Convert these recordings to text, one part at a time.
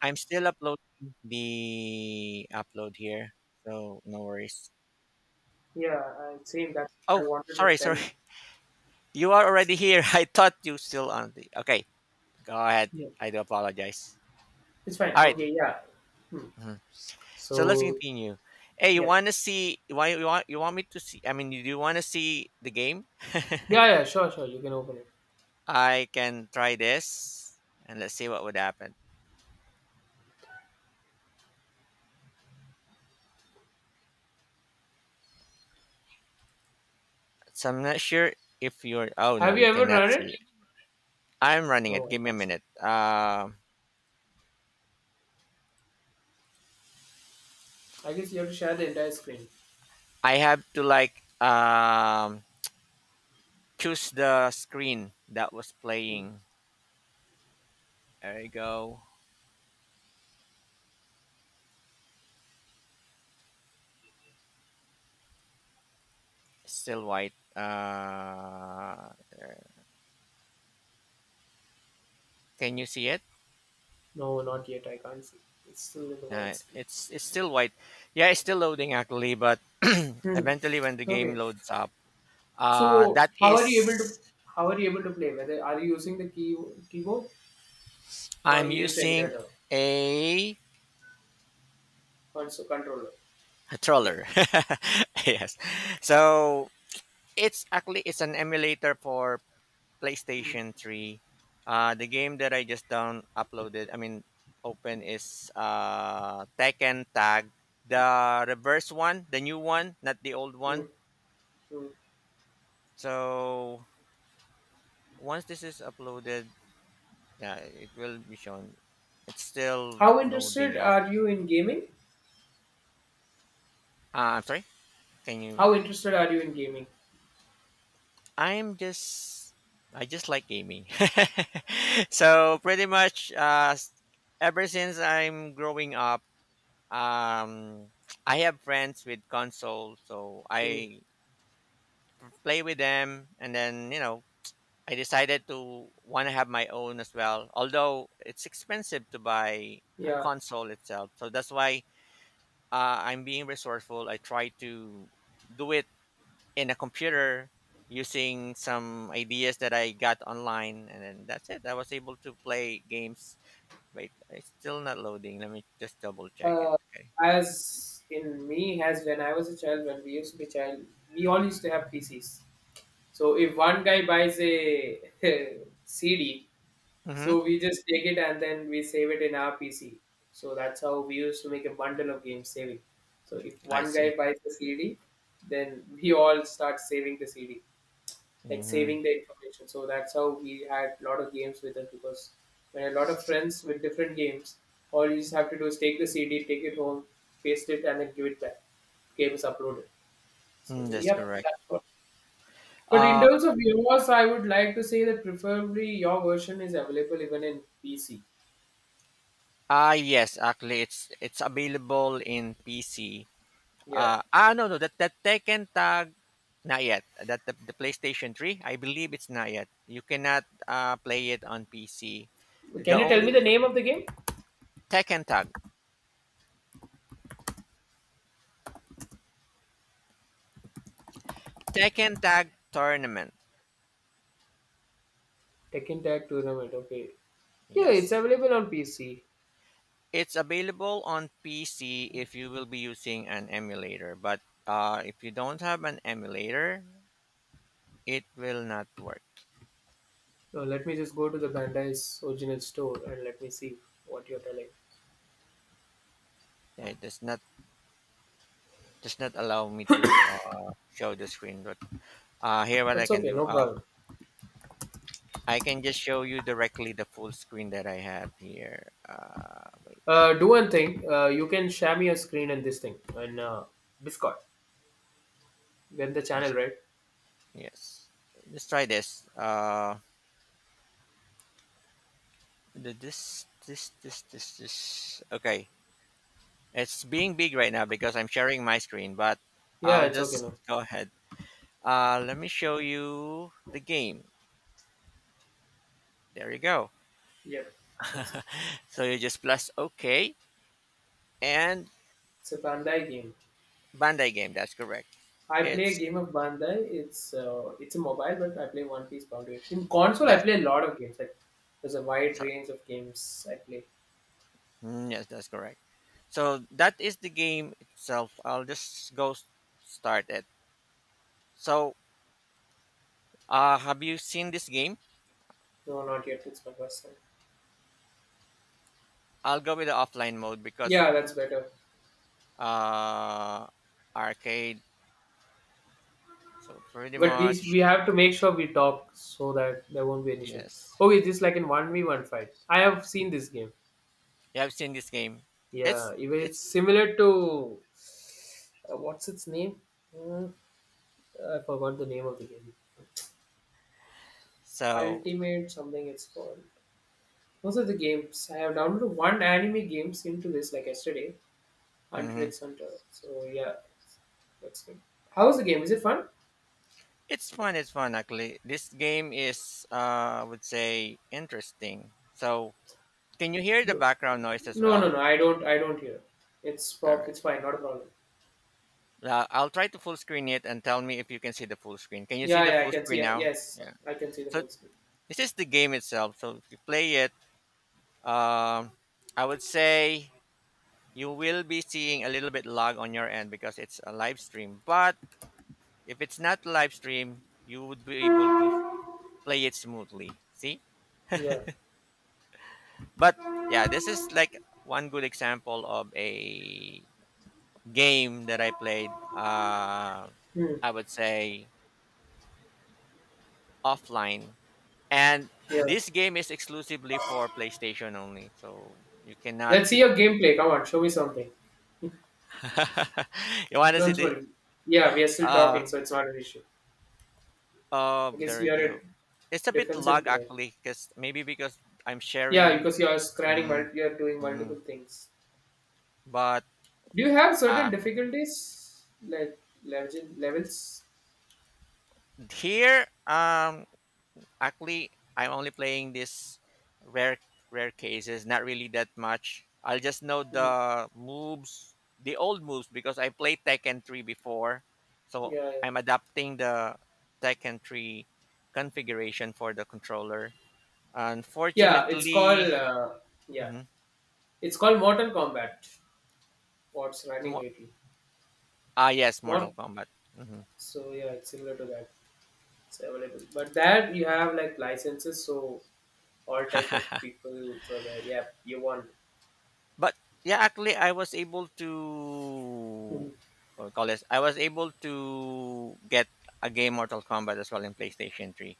I'm still uploading the upload here, so no worries. Yeah, I same that I Oh, wanted to sorry, sorry. tell. You are already here. I thought you still on the. Okay, go ahead. Yeah, I do apologize. it's fine. All right. Okay, yeah. Hmm. Mhm. So let's So, continue. Hey, you yep. want to see? You want me to see? I mean, you do want to see the game? Yeah, yeah, sure, sure, you can open it. I can try this, and let's see what would happen. So I'm not sure if you're. Oh no, Have you you ever cannot run see it? it. I'm running it. No, I Give me a can't see. minute. I guess you have to share the entire screen. I have to like um choose the screen that was Hmm. playing. There you go. Still white. Can you see it? No, not yet. I can't see. It's still in the white screen. it's still white. Yeah, it's still loading actually, but Hmm. eventually when the game Okay. loads up, So that how are you able to is how are you able to play? Whether are you using the keyboard or I'm you use using emulator a, console controller? a Yeah. troller. Yes. So it's actually it's an emulator for Hmm. PlayStation 3. The game that I just down uploaded, I mean, open is Tekken Tag, the reverse one, the new one, not the old Mm, one. mm. So once this is uploaded, yeah, it will be shown. It's still How loading interested up. are you in gaming? I'm sorry. Can you? How interested are you in gaming? I'm just. I just like gaming. So pretty much, ever since I'm growing up. um I have friends with consoles, so Hmm. I play with them. And then I decided to want to have my own as well, although it's expensive to buy a Yeah. console itself. So that's why I'm being resourceful. I try to do it in a computer using some ideas that I got online. And then that's it. I was able to play games. Wait, it's still not loading. Let me just double check it. Uh, Okay. as in me, as when I was a child, when we used to be child, we all used to have PCs. So if one guy buys a CD, Mm-hmm. so we just take it and then we save it in our PC. So that's how we used to make a bundle of games saving. So if I one see. guy buys the CD, then we all start saving the CD, like Mhm. saving the information. So that's how we had a lot of games with us because when a lot of friends with different games, all you just have to do is take the CD, take it home, paste it, and then give it back. Game is uploaded. So Mm, that's yep, correct. that's what. But in Uh, terms of yours, I would like to say that preferably your version is available even in PC. Yes, actually, it's available in PC. Yeah. No, no, that Tekken tag not yet. The PlayStation 3, I believe it's not yet. You cannot play it on PC. The Can you tell only me the name of the game? Tekken tag, Tekken tag tournament. Tekken Tag Tournament. Okay. Yeah, it's Yes, available on PC. it's available on PC if you will be using an emulator. But if you don't have an emulator, it will not work. Now let me just go to the Bandai's original store and let me see what you're telling. It does not allow me to show the screen. But here, what I That's can okay, do, no problem. I can just show you directly the full screen that I have here. Wait, Do one thing. You can share me a screen and this thing and Discord. Then the must- channel, right? yes. Let's try this. This. Okay, it's being big right now because I'm sharing my screen. But Yeah, I'll it's okay just now. go ahead. Let me show you the game. There you go. Yep. It's So you just plus OK and it's a Bandai game. Bandai game. That's correct. I play a It's game of Bandai. It's a mobile, but I play One Piece Foundation. In console, I that. play a lot of games. Like there's a wide Sorry. range of games I play. Mm, yes, that's correct. So that is the game itself. I'll just go start it. So, have you seen this game? No, not yet. It's my first time. I'll go with the offline mode because Yeah, that's better. uh, arcade. So pretty But we much, we have to make sure we talk so that there won't be an issue. yes. Okay, just like in one v one fight. I have seen this game. You have seen this game. It's Yeah, even it's it's similar to what's its name? Hmm, I forgot the name of the game. so. Ultimate something it's called. Most of the games. I have downloaded one anime games into this like yesterday, Hunter Mhm. x Hunter. So yeah, that's good. How is the game? Is it fun? It's fun. It's fun actually. This game is I would say interesting. So can you hear the Do- background noise as No, no, well? no. I don't. I don't hear. It's All prop. right. It's fine. Not a problem. I'll try to full screen it and tell me if you can see the full screen. Can you see Yeah, the yeah. I full can screen see. now? Yes, Yeah. I can see the So full screen. this is the game itself. So if you play it, um, I would say you will be seeing a little bit lag on your end because it's a live stream. But if it's not live stream, you would be able to play it smoothly. See? Yeah. But yeah, this is like one good example of a game that I played. Hmm. I would say offline and Yeah. this game is exclusively for PlayStation only, so you cannot. Let's see your gameplay. Come on, show me something. You want to see Don't the? worry. Yeah, we are still Uh, talking, so it's not an issue. I oh, guess there we you are a go. It's a bit defensive lag player. actually, because maybe because I'm Yeah, sharing. because you are scanning, Mm. You are doing Mm. multiple things. But Do you have uh, certain difficulties, like levels? here, actually, I'm only playing this rare rare cases, not really that much. I'll just know Mm, the moves, the old moves because I played Tekken 3 before. So yeah, yeah. I'm adapting the Tekken 3 configuration for the controller. Yeah, it's called Unfortunately. Yeah, Mhm. it's called Mortal Kombat. What's running mo- lately? Yes, Mortal Mort. Kombat. Mhm. So yeah, it's similar to that. It's available, but that you have like licenses, so all type of people. So there, yeah, you want. But yeah, actually, I was able to Mhm. what we call this. I was able to get a game Mortal Kombat as well in PlayStation 3.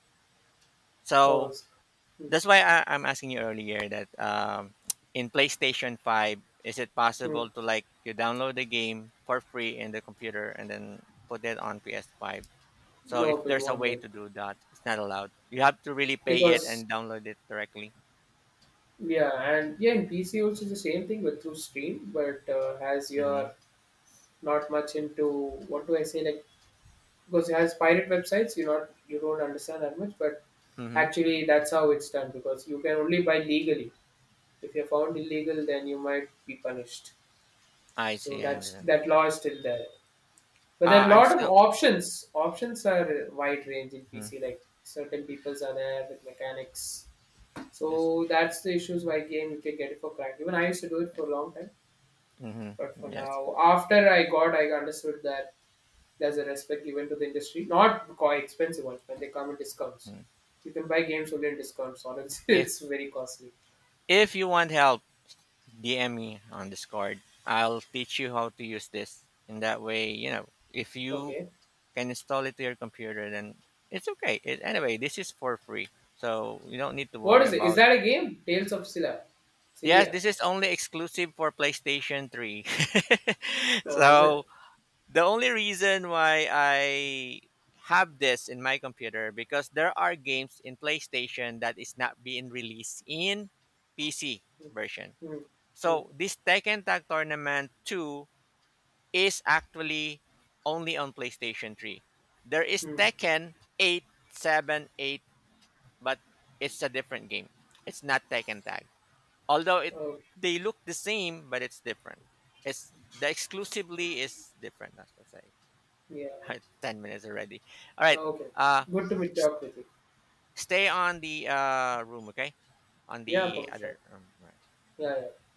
Oh, So s- that's why I'm asking you earlier that in PlayStation 5, is it possible mhm. to like you download the game for free in the computer and then put it on PS5? So if Nope, it there's a won't way work to do that, it's not allowed. You have to really pay it because and download it directly. yeah, and yeah, in PC also the same thing, but through Steam. But as Mm-hmm. you're not much into what do I say, like because it has pirate websites, you don't understand that much. But Mm-hmm. actually, that's how it's done because you can only buy legally. If you're found illegal, then you might be punished. I So see. I that's understand. that law is still there. But there are a I'm lot of still. options. Options are wide range in Mhm. PC. Like certain peoples are there with mechanics. Yes. So that's the issues why again you can get it for cracked. Even I used to do it for a long time, Mm-hmm. but for Yes. now, after I got, I understood that there's a respect given to the industry, not quite expensive ones when they come in discounts. Mhm. You can buy games only in discounts, or else it's If very costly. if you want help, DM me on Discord. I'll teach you how to use this. In that way, if you Okay, can install it to your computer, then it's okay. Anyway, this is for free, so you don't need to what worry is it? Is about. that a game? Tales of Scylla, Yes, Cilia? this is only exclusive for PlayStation 3. Oh, is So it? the only reason why I have this in my computer because there are games in PlayStation that is not being released in PC version. Hmm. Hmm. So this Tekken Tag Tournament 2 is actually only on PlayStation 3. There is Hmm. Tekken 8 7 8, but it's a different game. It's not Tekken Tag. Although it Oh, they look the same, but it's different. It's the exclusively is different, I should say. yeah. Right, 10 minutes already. All right. Okay. Uh, Good to meet s- talk with you. stay on the room, okay? On Yeah, the for sure. other room. Right. Yeah, yeah.